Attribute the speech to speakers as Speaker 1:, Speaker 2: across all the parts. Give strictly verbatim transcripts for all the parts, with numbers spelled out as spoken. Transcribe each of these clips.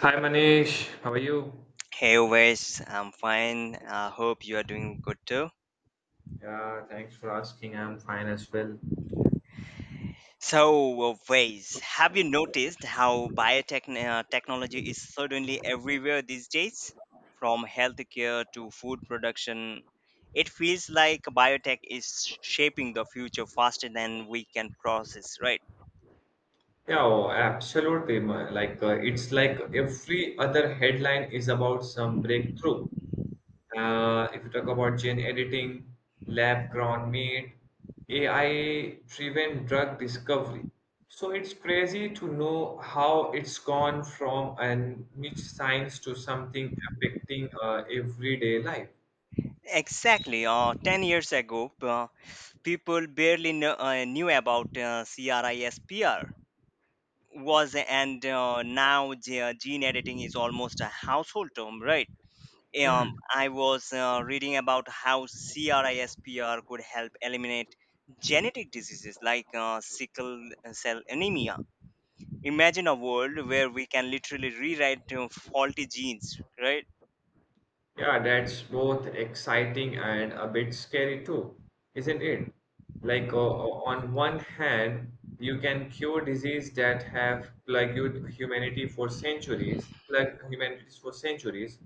Speaker 1: Hi Manish, how are you?
Speaker 2: Hey Wes, I'm fine. I hope you are doing good too.
Speaker 1: Yeah, thanks for asking. I'm fine as well.
Speaker 2: So, uh, Wes, have you noticed how biotech uh, technology is suddenly everywhere these days? From healthcare to food production, it feels like biotech is sh- shaping the future faster than we can process, right?
Speaker 1: Yeah, oh, absolutely. ma- Like uh, it's like every other headline is about some breakthrough. Uh, if you talk about gene editing, lab-grown meat, A I-driven drug discovery. So it's crazy to know how it's gone from a niche science to something affecting uh, everyday life.
Speaker 2: Exactly. Uh, ten years ago, uh, people barely kn- uh, knew about uh, CRISPR was and uh, now the gene editing is almost a household term, right. um,
Speaker 1: Hmm.
Speaker 2: i was uh, reading about how crispr could help eliminate genetic diseases like uh, sickle cell anemia. Imagine a world where we can literally rewrite uh, faulty genes, right.
Speaker 1: Yeah, that's both exciting and a bit scary too, isn't it? Like, uh, uh, on one hand, you can cure disease that have plagued humanity for centuries, plagued humanity for centuries.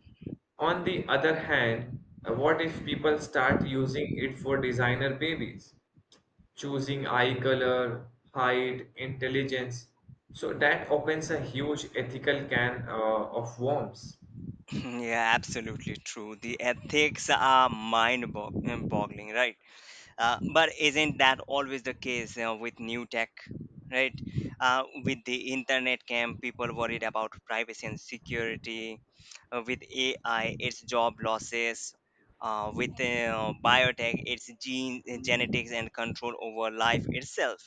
Speaker 1: On the other hand, uh, what if people start using it for designer babies, choosing eye color, height, intelligence? So that opens a huge ethical can uh, of worms.
Speaker 2: Yeah, absolutely true, the ethics are mind boggling, right. Uh, but isn't that always the case uh, with new tech, right? Uh, with the internet came people worried about privacy and security. Uh, with A I, it's job losses. Uh, with uh, biotech, it's gene uh, genetics and control over life itself.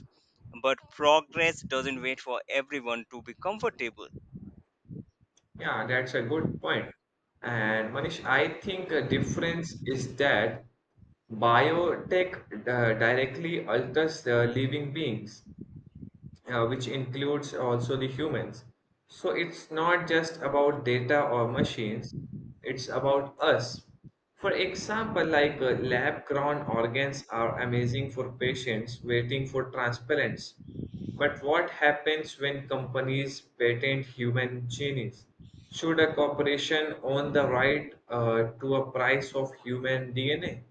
Speaker 2: But progress doesn't wait for everyone to be comfortable.
Speaker 1: Yeah, that's a good point. And Manish, I think a difference is that biotech uh, directly alters the living beings, uh, which includes also the humans. So it's not just about data or machines, it's about us. For example, like uh, lab grown organs are amazing for patients waiting for transplants. But what happens when companies patent human genes? Should a corporation own the right uh, to a price of human D N A?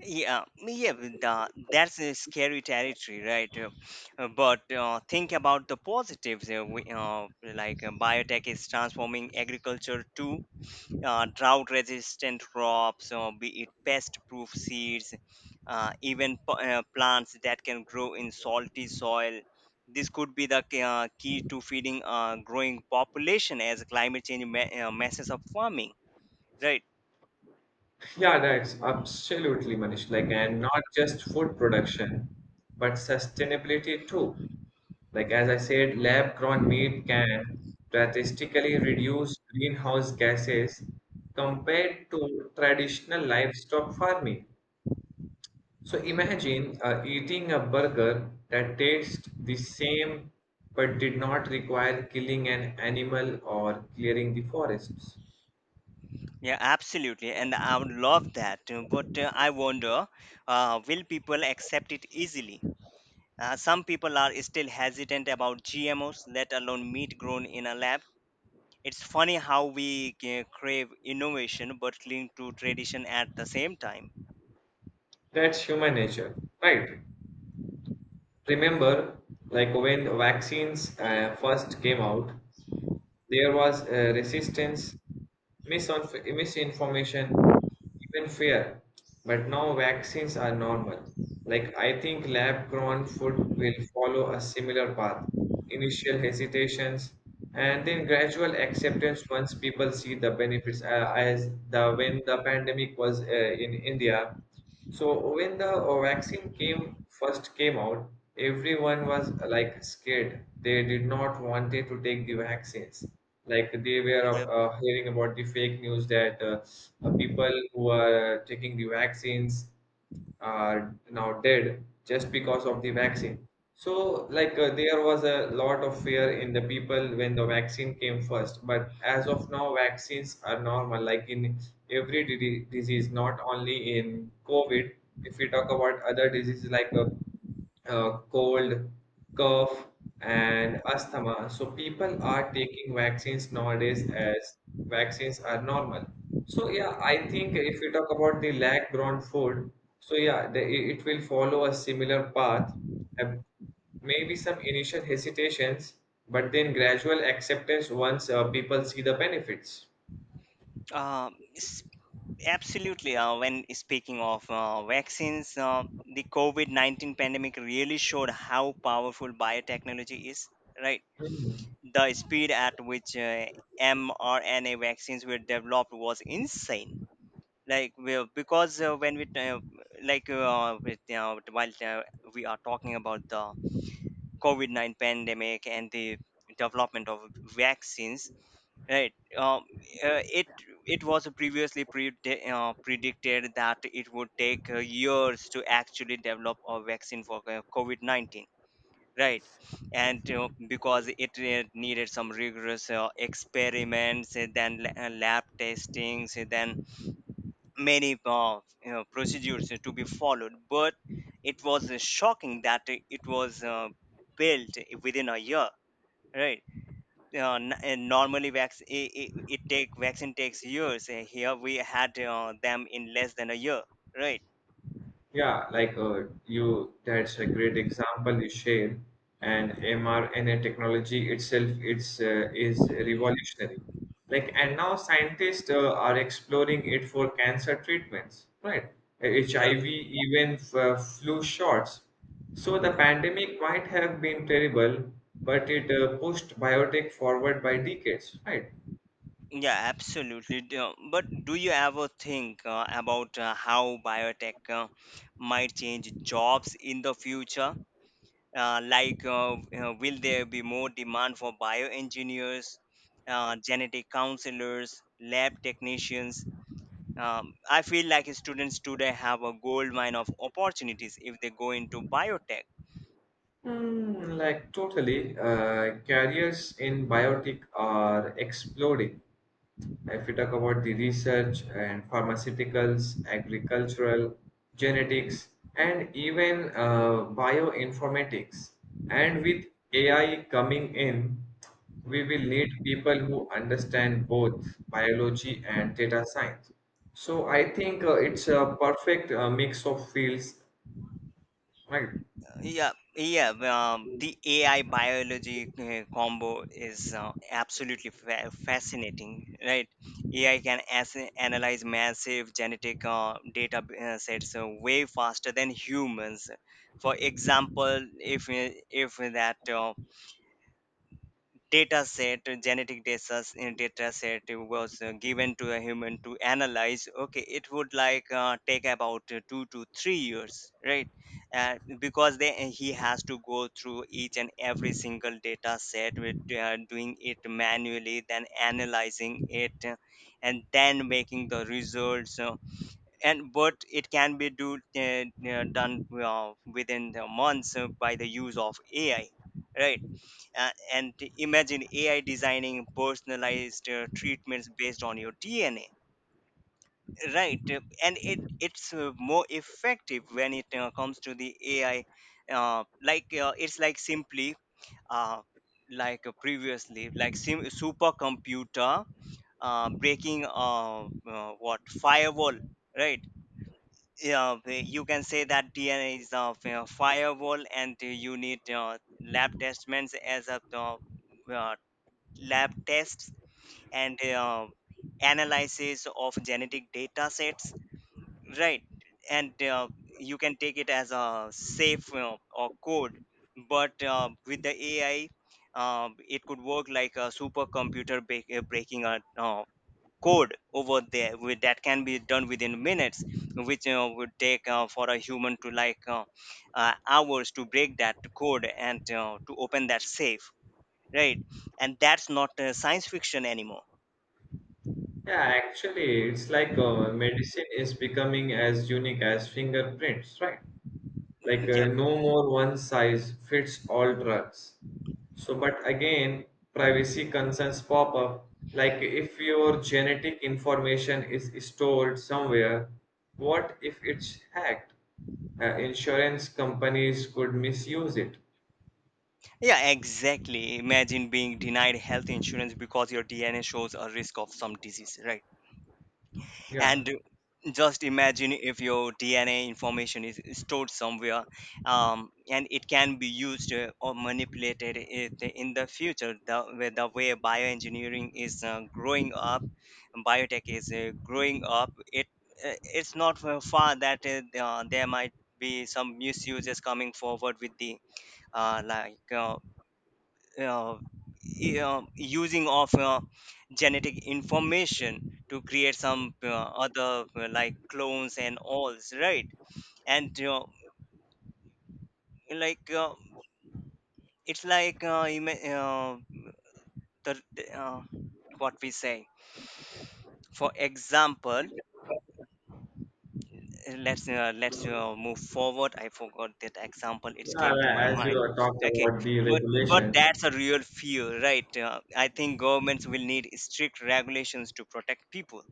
Speaker 2: Yeah, yeah, with the, that's a scary territory, right? Uh, uh, but uh, think about the positives. Uh, we, uh, like uh, Biotech is transforming agriculture to uh, drought-resistant crops, or be it pest-proof seeds, uh, even p- uh, plants that can grow in salty soil. This could be the key- uh, key to feeding a growing population as climate change ma- uh, messes up farming, right?
Speaker 1: Yeah, that's absolutely Manish. Like, and not just food production, but sustainability too. Like, as I said, lab-grown meat can drastically reduce greenhouse gases compared to traditional livestock farming. So imagine uh, eating a burger that tastes the same but did not require killing an animal or clearing the forests.
Speaker 2: Yeah, absolutely. And I would love that. uh, But uh, I wonder, uh, will people accept it easily? Uh, some people are still hesitant about G M Os, let alone meat grown in a lab. It's funny how we uh, crave innovation but cling to tradition at the same time.
Speaker 1: That's human nature, right? Remember, like when vaccines uh, first came out, there was uh, resistance, misinf- misinformation, even fear. But now vaccines are normal. Like, I think lab grown food will follow a similar path: initial hesitations, and then gradual acceptance once people see the benefits. Uh, as the When the pandemic was uh, in India, so when the uh, vaccine came first came out, everyone was uh, like scared. They did not wanted to take the vaccines. Like they were
Speaker 2: Yep.
Speaker 1: uh, uh, hearing about the fake news that uh, uh, people who are uh, taking the vaccines are now dead just because of the vaccine. So, like, uh, there was a lot of fear in the people when the vaccine came first. But as of now, vaccines are normal, like in every di- disease, not only in COVID. If we talk about other diseases like uh, uh, cold, cough, and asthma. So people are taking vaccines nowadays as vaccines are normal. So yeah, I think if we talk about the lag-grown food, so yeah, the, it it will follow a similar path. Uh, Maybe some initial hesitations, but then gradual acceptance once uh, people see the benefits.
Speaker 2: Um, s- Absolutely. Uh, when speaking of uh, vaccines, uh, the COVID nineteen pandemic really showed how powerful biotechnology is, right?
Speaker 1: Hmm.
Speaker 2: The speed at which uh, mRNA vaccines were developed was insane. Like we, because uh, when we uh, like uh, with, uh, while uh, We are talking about the COVID nine pandemic and the development of vaccines, right? Um, uh, it it was previously predi- uh, predicted that it would take uh, years to actually develop a vaccine for uh, COVID nineteen, right. And you, because it uh, needed some rigorous uh, experiments and then la- uh, lab testings and then many uh, you know, procedures to be followed, but it was uh, shocking that it it was uh, built within a year, right. Uh, n- and normally vac- it, it, it take vaccine takes years. Uh, here we had uh, them in less than a year, right.
Speaker 1: Yeah, like uh, you, that's a great example you shared. And mRNA technology itself, it's uh, is revolutionary. Like, and now scientists uh, are exploring it for cancer treatments, right?
Speaker 2: Yeah.
Speaker 1: H I V, even f- uh, flu shots. So the pandemic might have been terrible, but it uh, pushed biotech forward by decades, right?
Speaker 2: Yeah, absolutely. D- uh, But do you ever think uh, about uh, how biotech uh, might change jobs in the future? Uh, like, uh, uh, will there be more demand for bioengineers, uh, genetic counselors, lab technicians? Um, I feel like students today have a gold mine of opportunities if they go into biotech.
Speaker 1: Mm, like totally, uh, careers in biotech are exploding. If we talk about the research and pharmaceuticals, agricultural, genetics, and even uh, bioinformatics, and with A I coming in, we will need people who understand both biology and data science. So I think uh, it's a perfect uh, mix of fields, right?
Speaker 2: Yeah, yeah. Um, the A I biology uh, combo is uh, absolutely fa- fascinating, right? A I can as- analyze massive genetic uh, data uh, sets uh, way faster than humans. For example, if uh, if that uh, data set uh, genetic data, s- uh, data set uh, was uh, given to a human to analyze, okay, it would like uh, take about uh, two to three years, right. Uh, because they, uh, he has to go through each and every single data set with uh, doing it manually, then analyzing it uh, and then making the results, uh, and but it can be do, uh, uh, done uh, within the months uh, by the use of ai, right. Uh, and imagine A I designing personalized uh, treatments based on your D N A, right? Uh, And it it's uh, more effective when it uh, comes to the A I. Uh, like uh, it's like simply uh, like uh, previously, like sim- supercomputer uh, breaking uh, uh, what firewall, right? Yeah, the- you can say that D N A is a firewall, and uh, you need uh, lab tests as a uh, uh, lab tests and uh, analysis of genetic data sets, right. And uh, you can take it as a safe uh, or code, but uh, with the ai, um, it could work like a supercomputer break, uh, breaking a uh, code over there with, that can be done within minutes, which uh, would take uh, for a human to like uh, uh, hours to break that code and uh, to open that safe, right. And that's not uh, science fiction anymore.
Speaker 1: Yeah, actually, it's like uh, medicine is becoming as unique as fingerprints, right? Like
Speaker 2: Yeah,
Speaker 1: uh, no more one size fits all drugs. So, but again, privacy concerns pop up. Like, if your genetic information is stored somewhere, what if it's hacked? Uh, insurance companies could misuse it.
Speaker 2: yeah, exactly. Imagine being denied health insurance because your dna shows a risk of some disease, right.
Speaker 1: Yeah.
Speaker 2: And just imagine if your dna information is stored somewhere, um, and it can be used uh, or manipulated it in the future. The, way- the way bioengineering is uh, growing up, biotech is uh, growing up, it uh, it's not uh, far that uh, there might be some misuses coming forward with the uh, like uh, uh, e- uh, using of uh, genetic information to create some uh, other uh, like clones and alls, right. And uh, like uh, it's like uh, ima- uh, the uh, what we say, for example, uh, let's uh, let's uh, move forward, I forgot that example, it came to my
Speaker 1: Yeah, as you
Speaker 2: mind.
Speaker 1: talked
Speaker 2: Okay,
Speaker 1: about the
Speaker 2: but but
Speaker 1: regulations.
Speaker 2: that's a real fear, right. uh, I think governments will need strict regulations to protect people.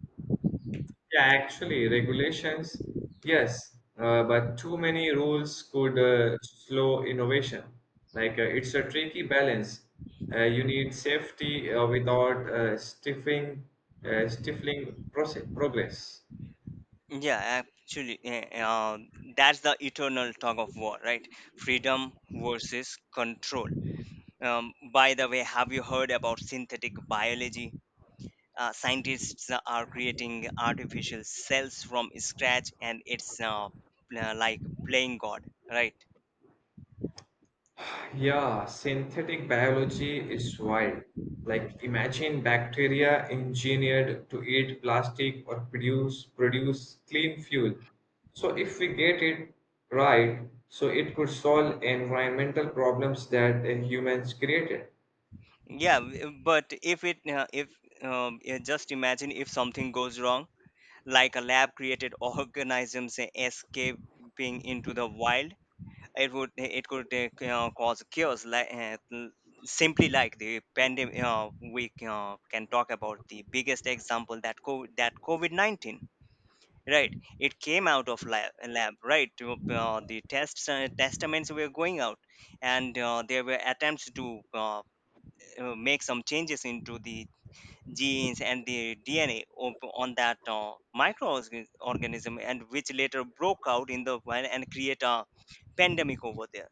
Speaker 1: Yeah, actually, regulations, yes, uh, but too many rules could uh, slow innovation. Like uh, it's a tricky balance. Uh, you need safety uh, without uh, stifling, uh, stifling proce- progress.
Speaker 2: Yeah, actually, eh, eh, uh, that's the eternal tug of war, right? Freedom versus control. Um, by the way, have you heard about synthetic biology? Uh, scientists are creating artificial cells from scratch, and it's uh, uh, like playing God, right?
Speaker 1: Yeah, synthetic biology is wild. Like imagine bacteria engineered to eat plastic or produce produce clean fuel. So if we get it right, so it could solve environmental problems that uh, humans created.
Speaker 2: Yeah, w- but if it, uh, if um, yeah, just imagine if something goes wrong, like a lab-created organisms escaping into the wild, it would it could uh, c- uh, cause chaos, like uh, l- simply like the pandemic. Uh, we c- uh, can talk about the biggest example, that COVID, that covid nineteen, right. It came out of lab, lab, right. To, uh, the tests uh, testaments were going out, and uh, there were attempts to uh, uh, make some changes into the genes and the dna of, on that uh, microorganism, and which later broke out in the and create a pandemic over there,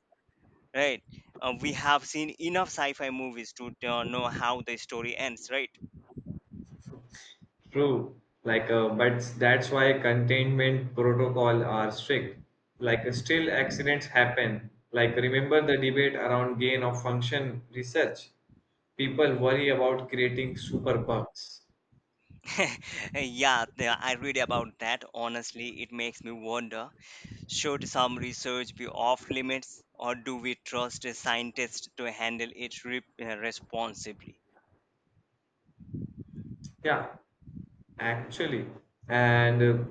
Speaker 2: right? Uh, we have seen enough sci-fi movies to uh, know how the story ends, right?
Speaker 1: True. Like, uh, but that's why containment protocol are strict. Like, uh, still accidents happen. Like, remember the debate around gain of function research? People worry about creating super bugs.
Speaker 2: Yeah, the- I read about that. Honestly, it makes me wonder: should some research be off limits, or do we trust a scientist to handle it re- uh, responsibly?
Speaker 1: Yeah, actually. And uh,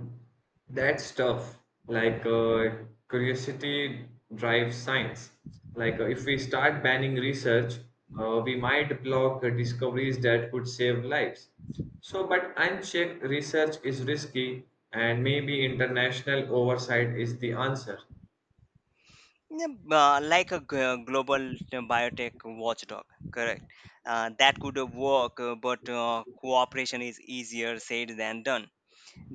Speaker 1: that's tough. Like, uh, curiosity drives science. Like, uh, if we start banning research, uh, we might block uh, discoveries that could save lives. So, but unchecked research is risky, and maybe international oversight is the answer.
Speaker 2: Yeah, uh, like a g- uh, global uh, biotech watchdog, correct? Uh, that could uh, work, uh, but uh, cooperation is easier said than done.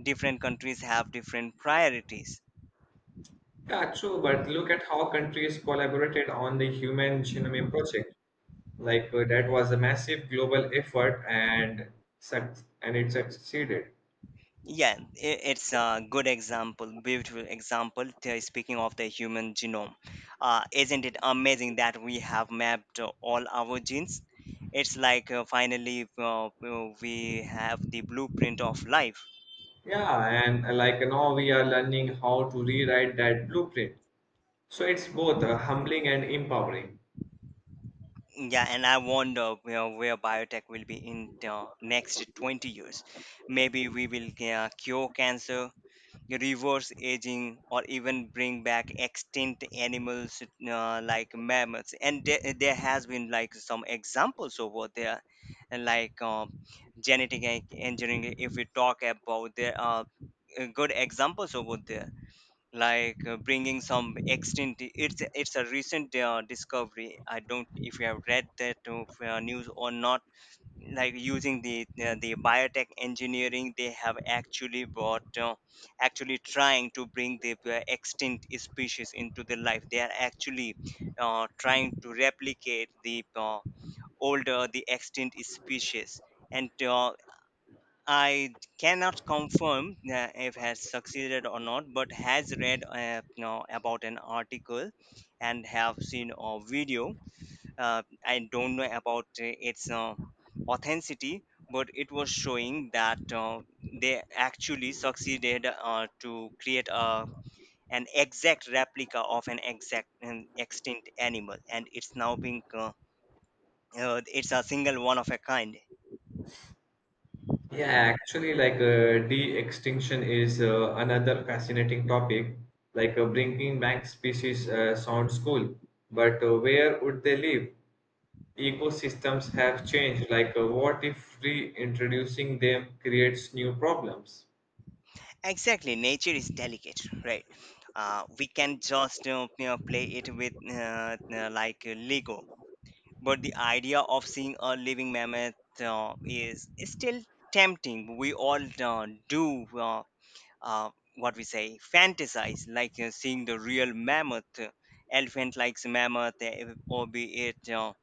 Speaker 2: Different countries have different priorities.
Speaker 1: Yeah, true, but look at how countries collaborated on the Human Genome Project. Like uh, that was a massive global effort and suc and it succeeded.
Speaker 2: Yeah, i- it's a good example, beautiful example. t- Speaking of the human genome, uh, isn't it amazing that we have mapped uh, all our genes? It's like uh, finally uh, uh, we have the blueprint of life.
Speaker 1: Yeah, and uh, like uh, now we are learning how to rewrite that blueprint. So it's both uh, humbling and empowering.
Speaker 2: Yeah, and I wonder where, where biotech will be in the next twenty years. Maybe we will uh, cure cancer, reverse aging or even bring back extinct animals, uh, like mammals, and there, there has been like some examples over there. And like um, genetic en- engineering, if we talk about, there are uh, good examples over there, like uh, bringing some extinct, it's it's a recent uh, discovery. I don't if you have read that uh, f- uh, news or not, like using the uh, the biotech engineering, they have actually brought uh, actually trying to bring the uh, extinct species into the life. They are actually uh, trying to replicate the uh, older, the extinct species. And uh, I cannot confirm uh, if has succeeded or not, but has read, uh, you know, about an article, and have seen a video. uh, I don't know about uh, its uh, authenticity, but it was showing that uh, they actually succeeded uh, to create a, an exact replica of an exact an extinct animal, and it's now being uh, uh, it's a single one of a kind.
Speaker 1: Yeah, actually, like uh, de-extinction is uh, another fascinating topic. Like uh, bringing back species uh, sounds cool, but uh, where would they live? Ecosystems have changed. Like uh, what if reintroducing them creates new problems?
Speaker 2: Exactly, nature is delicate, right? Uh, we can just uh, you know, play it with uh, uh, like uh, Lego, but the idea of seeing a living mammoth uh, is still tempting. We all uh, do uh, uh, what we say, fantasize, like uh, seeing the real mammoth, elephant likes mammoth, eh, or be it. Uh,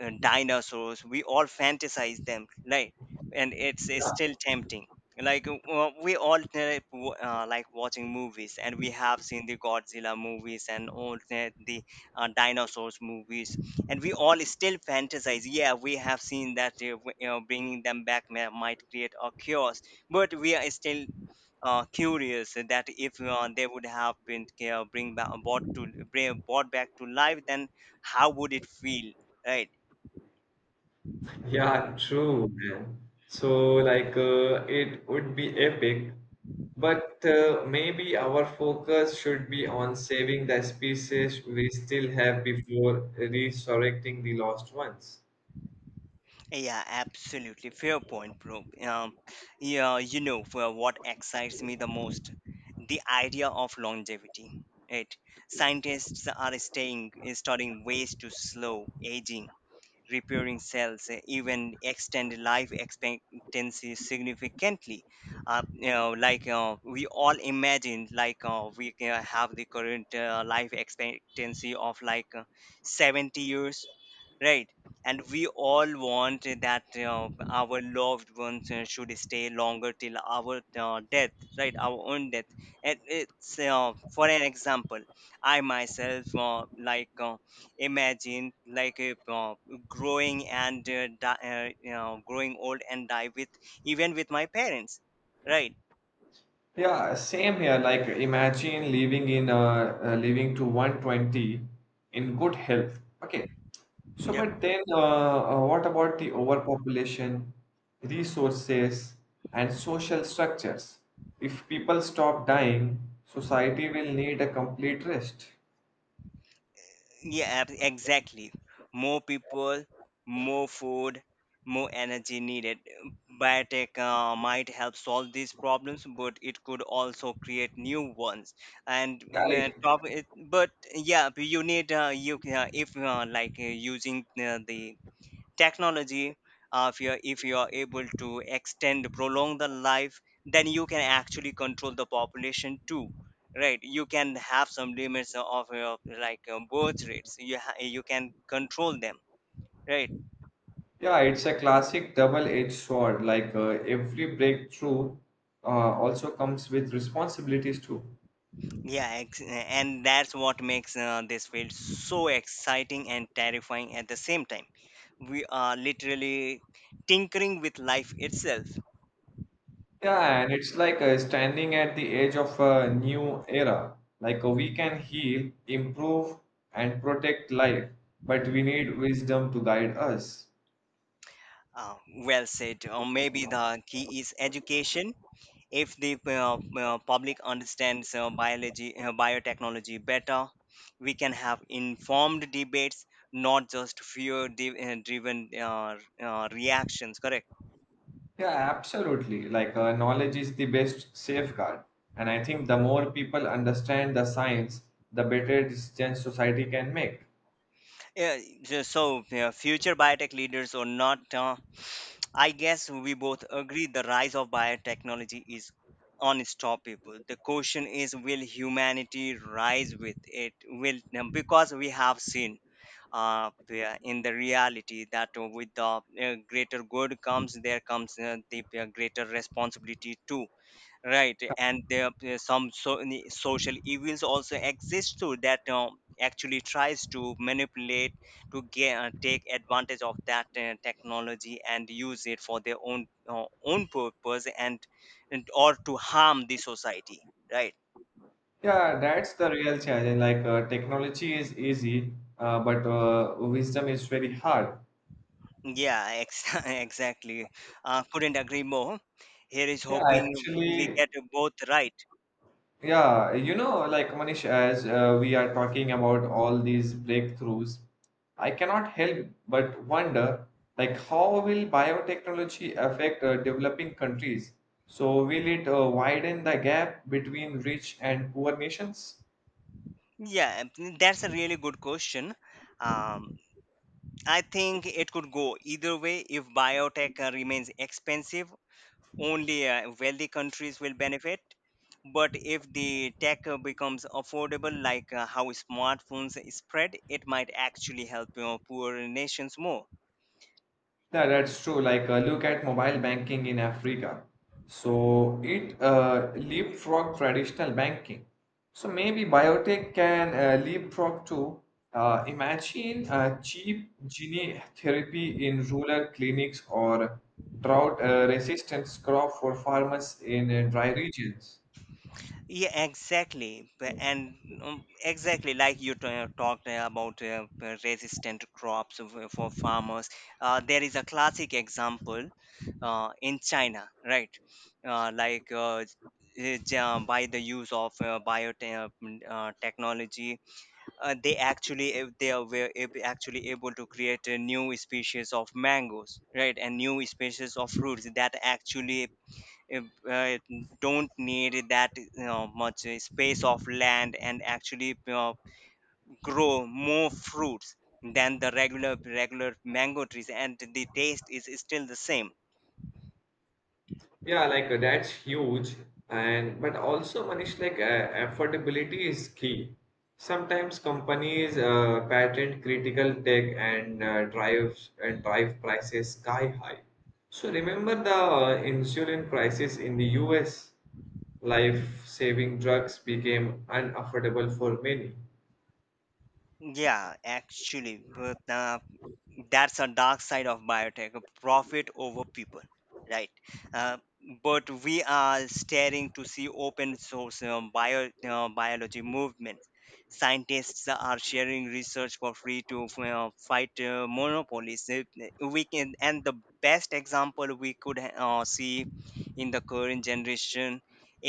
Speaker 2: uh, Dinosaurs, we all fantasize them, right. And it's, it's still tempting. Like uh, uh, we all uh, w- uh, like watching movies, and we have seen the godzilla movies and all the, the uh, dinosaurs movies, and we all still fantasize, yeah. We have seen that, uh, w- you know, bringing them back may, might create a chaos, but we are still uh, curious that if uh, they would have been uh, bring back brought to bring, brought back to life, then how would it feel, right.
Speaker 1: Yeah, true, man. So, like, uh, it would be epic, but uh, maybe our focus should be on saving the species we still have before resurrecting the lost ones.
Speaker 2: Yeah, absolutely. Fair point, bro. Um, yeah, you know for what excites me the most? The idea of longevity. Right? Scientists are staying, studying ways to slow aging repairing cells, uh, even extend life expectancy significantly. Uh, you know, like uh, we all imagine, like uh, we can have the current uh, life expectancy of like uh, seventy years, right? And we all want that uh, our loved ones uh, should stay longer till our uh, death, right? Our own death. And it's uh, for an example, I myself uh, like. Uh, imagine like if, uh, growing and uh, di- uh, you know growing old and die with even with my parents, right.
Speaker 1: Yeah, same here. Like imagine living in uh, uh living to one hundred twenty in good health. Okay. So,
Speaker 2: Yep.
Speaker 1: but then uh, uh, what about the overpopulation, resources, and social structures? If people stop dying, society will need a complete rest.
Speaker 2: Yeah, ab- exactly, more people, more food, more energy needed. Biotech uh, might help solve these problems, but it could also create new ones. and
Speaker 1: Yeah,
Speaker 2: uh,
Speaker 1: it-
Speaker 2: top it, but yeah, but you need uh, you uh, if uh, like uh, using uh, the technology. Uh, if you are if you are able to extend prolong the life, then you can actually control the population too, right? You can have some limits of your, like uh, birth rates you ha- you can control them, right.
Speaker 1: yeah, it's a classic double-edged sword. Like uh, every breakthrough uh, also comes with responsibilities too.
Speaker 2: Yeah ex- and that's what makes uh, this field so exciting and terrifying at the same time. We are literally tinkering with life itself.
Speaker 1: Yeah, and it's like uh, standing at the edge of a new era. Like uh, we can heal, improve, and protect life, but we need wisdom to guide us.
Speaker 2: uh, well said, or maybe the key is education. If the uh, uh, public understands uh, biology uh, biotechnology better, we can have informed debates, not just fear di- uh, driven uh, uh, reactions, correct.
Speaker 1: Yeah, absolutely. Like uh, knowledge is the best safeguard. And I think the more people understand the science, the better decisions society can make.
Speaker 2: yeah, ju- so yeah, future biotech leaders or not, uh, I guess we both agree the rise of biotechnology is unstoppable. The question is, will humanity rise with it? Will, because we have seen, uh, yeah, in the reality that uh, with the uh, greater good comes, there comes uh, the uh, greater responsibility too, right. And there uh, some so, ni- social evils also exist too, that uh, actually tries to manipulate to get, uh, take advantage of that uh, technology and use it for their own uh, own purpose, and, and or to harm the society, right.
Speaker 1: Yeah, that's the real challenge. Like uh, technology is easy, uh, but uh, wisdom is very hard.
Speaker 2: Yeah, ex- exactly. Uh, couldn't agree more. Here is
Speaker 1: Yeah,
Speaker 2: hoping we
Speaker 1: actually.
Speaker 2: get both right.
Speaker 1: Yeah, you know, like Manish, as uh, we are talking about all these breakthroughs, I cannot help but wonder, like, how will biotechnology affect uh, developing countries? So, will it uh, widen the gap between rich and poor nations?
Speaker 2: Yeah, mm, that's a really good question. Um, I think it could go either way. If biotech uh, remains expensive, only uh, wealthy countries will benefit. But if the tech uh, becomes affordable, like uh, how smartphones spread, it might actually help, you know, poorer nations more.
Speaker 1: Yeah, that's true. Like, uh, look at mobile banking in Africa. So it uh, leapfrog traditional banking. So maybe biotech can uh, leapfrog too. Uh, imagine uh, cheap gene therapy in rural clinics or drought uh, resistance crop for farmers in uh, dry regions.
Speaker 2: Yeah, exactly. B- And um, exactly like you t- uh, talked uh, about uh, uh, resistant crops of- uh, for farmers. Uh, there is a classic example uh, in China, right? Uh, like uh, uh, ja- by the use of uh, biotech uh, technology, uh, they actually uh, they are, were ab- actually able to create a new species of mangoes, right, and new species of fruits that actually uh, uh, don't need that you much uh, space of land, and actually you grow more fruits than the regular regular mango trees, and the taste is still the same.
Speaker 1: Yeah, like uh, that's huge. And but also, Manish, like uh, affordability is key. Sometimes companies uh, patent critical tech and uh, drive and drive prices sky high. So remember the uh, insulin crisis in the U S? Life-saving drugs became unaffordable for many.
Speaker 2: Yeah, actually but uh, that's a dark side of biotech, profit over people, right. uh, but we are staring to see open source uh, bio uh, biology movements. Scientists are sharing research for free to uh, fight uh, monopolies. Uh, we can, and the best example we could uh, see in the current generation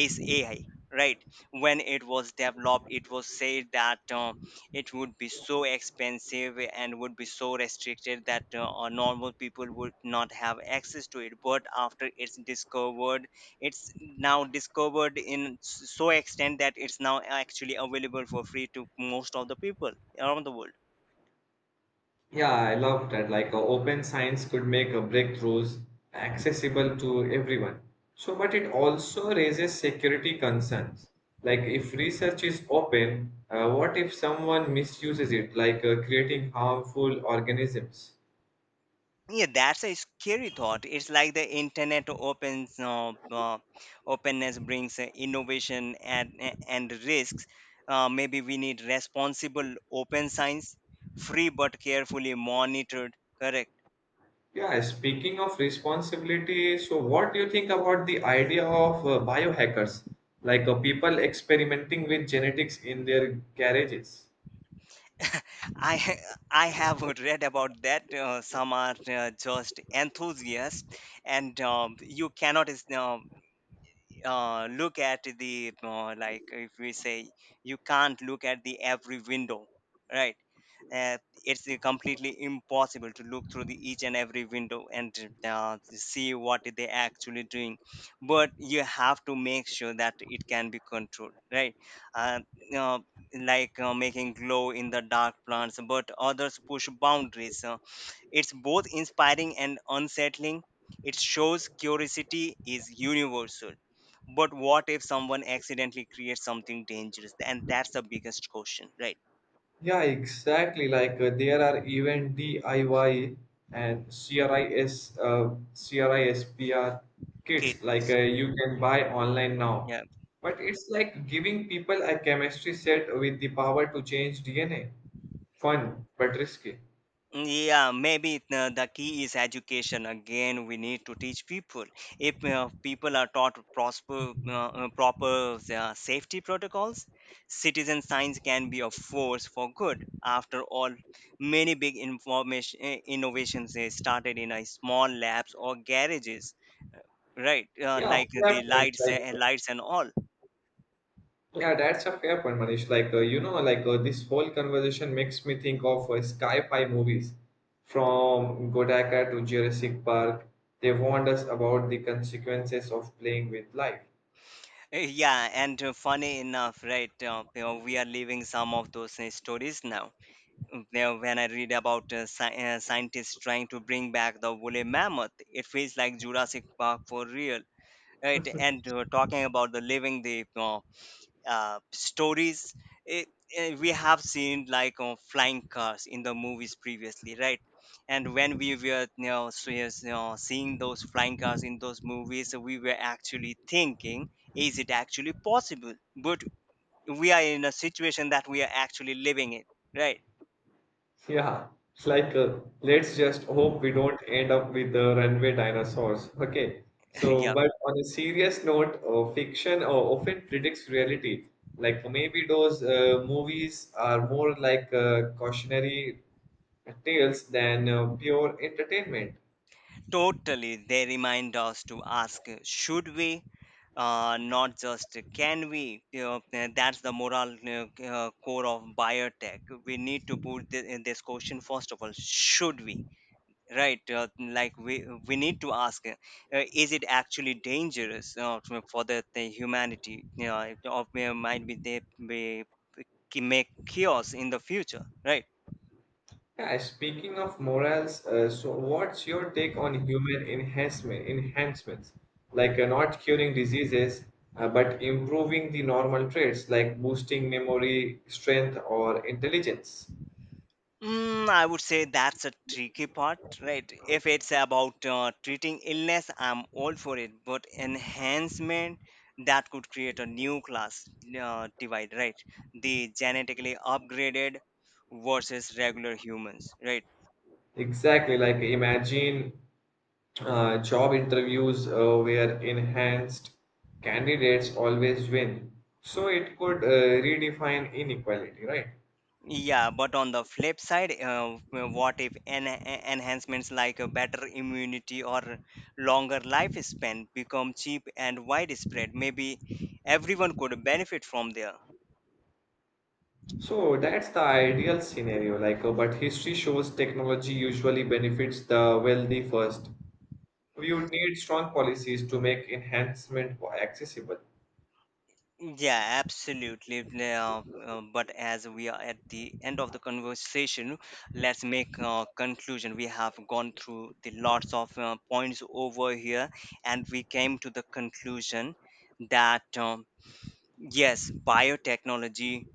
Speaker 2: is AI, right? When it was developed, it was said that uh, it would be so expensive and would be so restricted that uh, normal people would not have access to it, but after it's discovered, it's now discovered in s- so extent that it's now actually available for free to most of the people around the world.
Speaker 1: Yeah, I love that. Like, uh, open science could make uh, breakthroughs accessible to everyone. So, but it also raises security concerns. Like, if research is open, uh, what if someone misuses it, like uh, creating harmful organisms?
Speaker 2: Yeah, that's a scary thought. It's like the internet opens uh, uh, openness brings uh, innovation and and risks. Uh, maybe we need responsible open science, free but carefully monitored. Correct.
Speaker 1: Yeah, speaking of responsibility, so what do you think about the idea of uh, biohackers, like uh, people experimenting with genetics in their garages?
Speaker 2: I ha- I have read about that. Uh, some are uh, just enthusiasts, and um, you cannot. Uh, uh, look at the uh, like if we say you can't look at the every window, right. uh, it's uh, completely impossible to look through the each and every window and uh, see what they actually doing, but you have to make sure that it can be controlled, right. uh, uh, like uh, making glow in the dark plants, but others push boundaries. Uh, it's both inspiring and unsettling. It shows curiosity is universal. But what if someone accidentally creates something dangerous? And that's the biggest question, right?
Speaker 1: Yeah, exactly. Like uh, there are even D I Y and CRIS, uh, CRISPR kits. Like
Speaker 2: Kids.
Speaker 1: uh, you can buy
Speaker 2: Mm.
Speaker 1: online now.
Speaker 2: Yeah.
Speaker 1: But it's like giving people a chemistry set with the power to change D N A. Fun, but risky.
Speaker 2: Yeah, maybe the, the key is education. Again, we need to teach people. If uh, people are taught prosper, uh, uh, proper uh, safety protocols, citizen science can be a force for good. After all, many big information eh, innovations eh, started in a small labs or garages, right? Uh,
Speaker 1: Yeah,
Speaker 2: like
Speaker 1: fair
Speaker 2: the
Speaker 1: point.
Speaker 2: lights, eh,
Speaker 1: Like.
Speaker 2: lights and all.
Speaker 1: Yeah, that's a fair point, Manish. Like, uh, you know, like uh, this whole conversation makes me think of uh, sci-fi movies from Godzilla to Jurassic Park. They warned us about the consequences of playing with life.
Speaker 2: Eh, Yeah, and uh, funny enough, right? Uh, you know, we are living some of those eh, stories now. Now, when I read about uh, sci- uh, scientists trying to bring back the woolly mammoth, it feels like Jurassic Park for real. Right? And uh, talking about the living the uh, uh, stories, it, uh, we have seen like uh, flying cars in the movies previously, right? And when we were, you know, so, yes, you know, seeing those flying cars in those movies, we were actually thinking, is it actually possible? But we are in a situation that we are actually living in, right?
Speaker 1: Yeah, like uh, let's just hope we don't end up with the runway dinosaurs. Okay, so
Speaker 2: Yeah.
Speaker 1: but on a serious note, uh, fiction uh, often predicts reality. Like maybe those uh, movies are more like uh, cautionary tales than uh, pure entertainment.
Speaker 2: Totally. They remind us to ask, uh, should we? Uh, not just uh, can we? You know, uh, that's the moral uh, c- uh, core of biotech. We need to put this, in this question first of all. Should we? Right? Uh, like we we need to ask, uh, uh, is it actually dangerous uh, to- for the, the humanity? You know, it- or may- might be they may make chaos in the future. Right?
Speaker 1: Yeah, speaking of morals, uh, so what's your take on human enhancement enhancements, like uh, not curing diseases, uh, but improving the normal traits, like boosting memory, strength, or intelligence?
Speaker 2: Mm, I would say that's a tricky part, right? If it's about uh, treating illness, I'm all for it. But enhancement, that could create a new class uh, divide, right? The genetically upgraded versus regular humans, right?
Speaker 1: Exactly, like imagine uh, job interviews uh, where enhanced candidates always win. So it could uh, redefine inequality, right?
Speaker 2: Yeah, but on the flip side, uh, w- what if en- en- enhancements like a better immunity or longer lifespan become cheap and widespread? Maybe everyone could benefit from there.
Speaker 1: So that's the ideal scenario, like, uh, but history shows technology usually benefits the wealthy first. We would need strong policies to make enhancement accessible.
Speaker 2: Yeah, absolutely. Now, uh, but as we are at the end of the conversation, let's make a conclusion. We have gone through the lots of uh, points over here, and we came to the conclusion that um, yes, biotechnology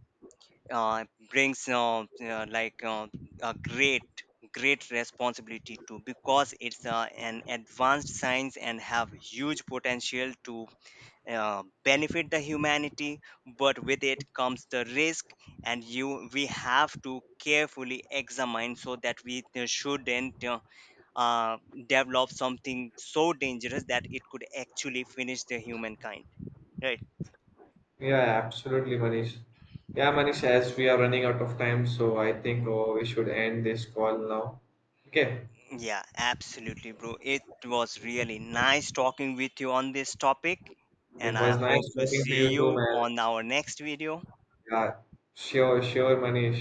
Speaker 2: uh, brings uh, uh, like uh, a great great responsibility too, because it's uh, an advanced science and have huge potential to uh, benefit the humanity, but with it comes the risk, and you we have to carefully examine so that we uh, shouldn't uh, uh, develop something so dangerous that it could actually finish the humankind, right.
Speaker 1: Yeah, absolutely, Manish. Yeah, Manish, as we are running out of time, so I think oh, we should end this call now. Okay,
Speaker 2: Yeah, absolutely, bro. It was really nice talking with you on this topic, and
Speaker 1: it was
Speaker 2: I
Speaker 1: nice
Speaker 2: hope to
Speaker 1: talking to you
Speaker 2: see
Speaker 1: too,
Speaker 2: you
Speaker 1: man.
Speaker 2: on our next video.
Speaker 1: Yeah, sure, sure, Manish.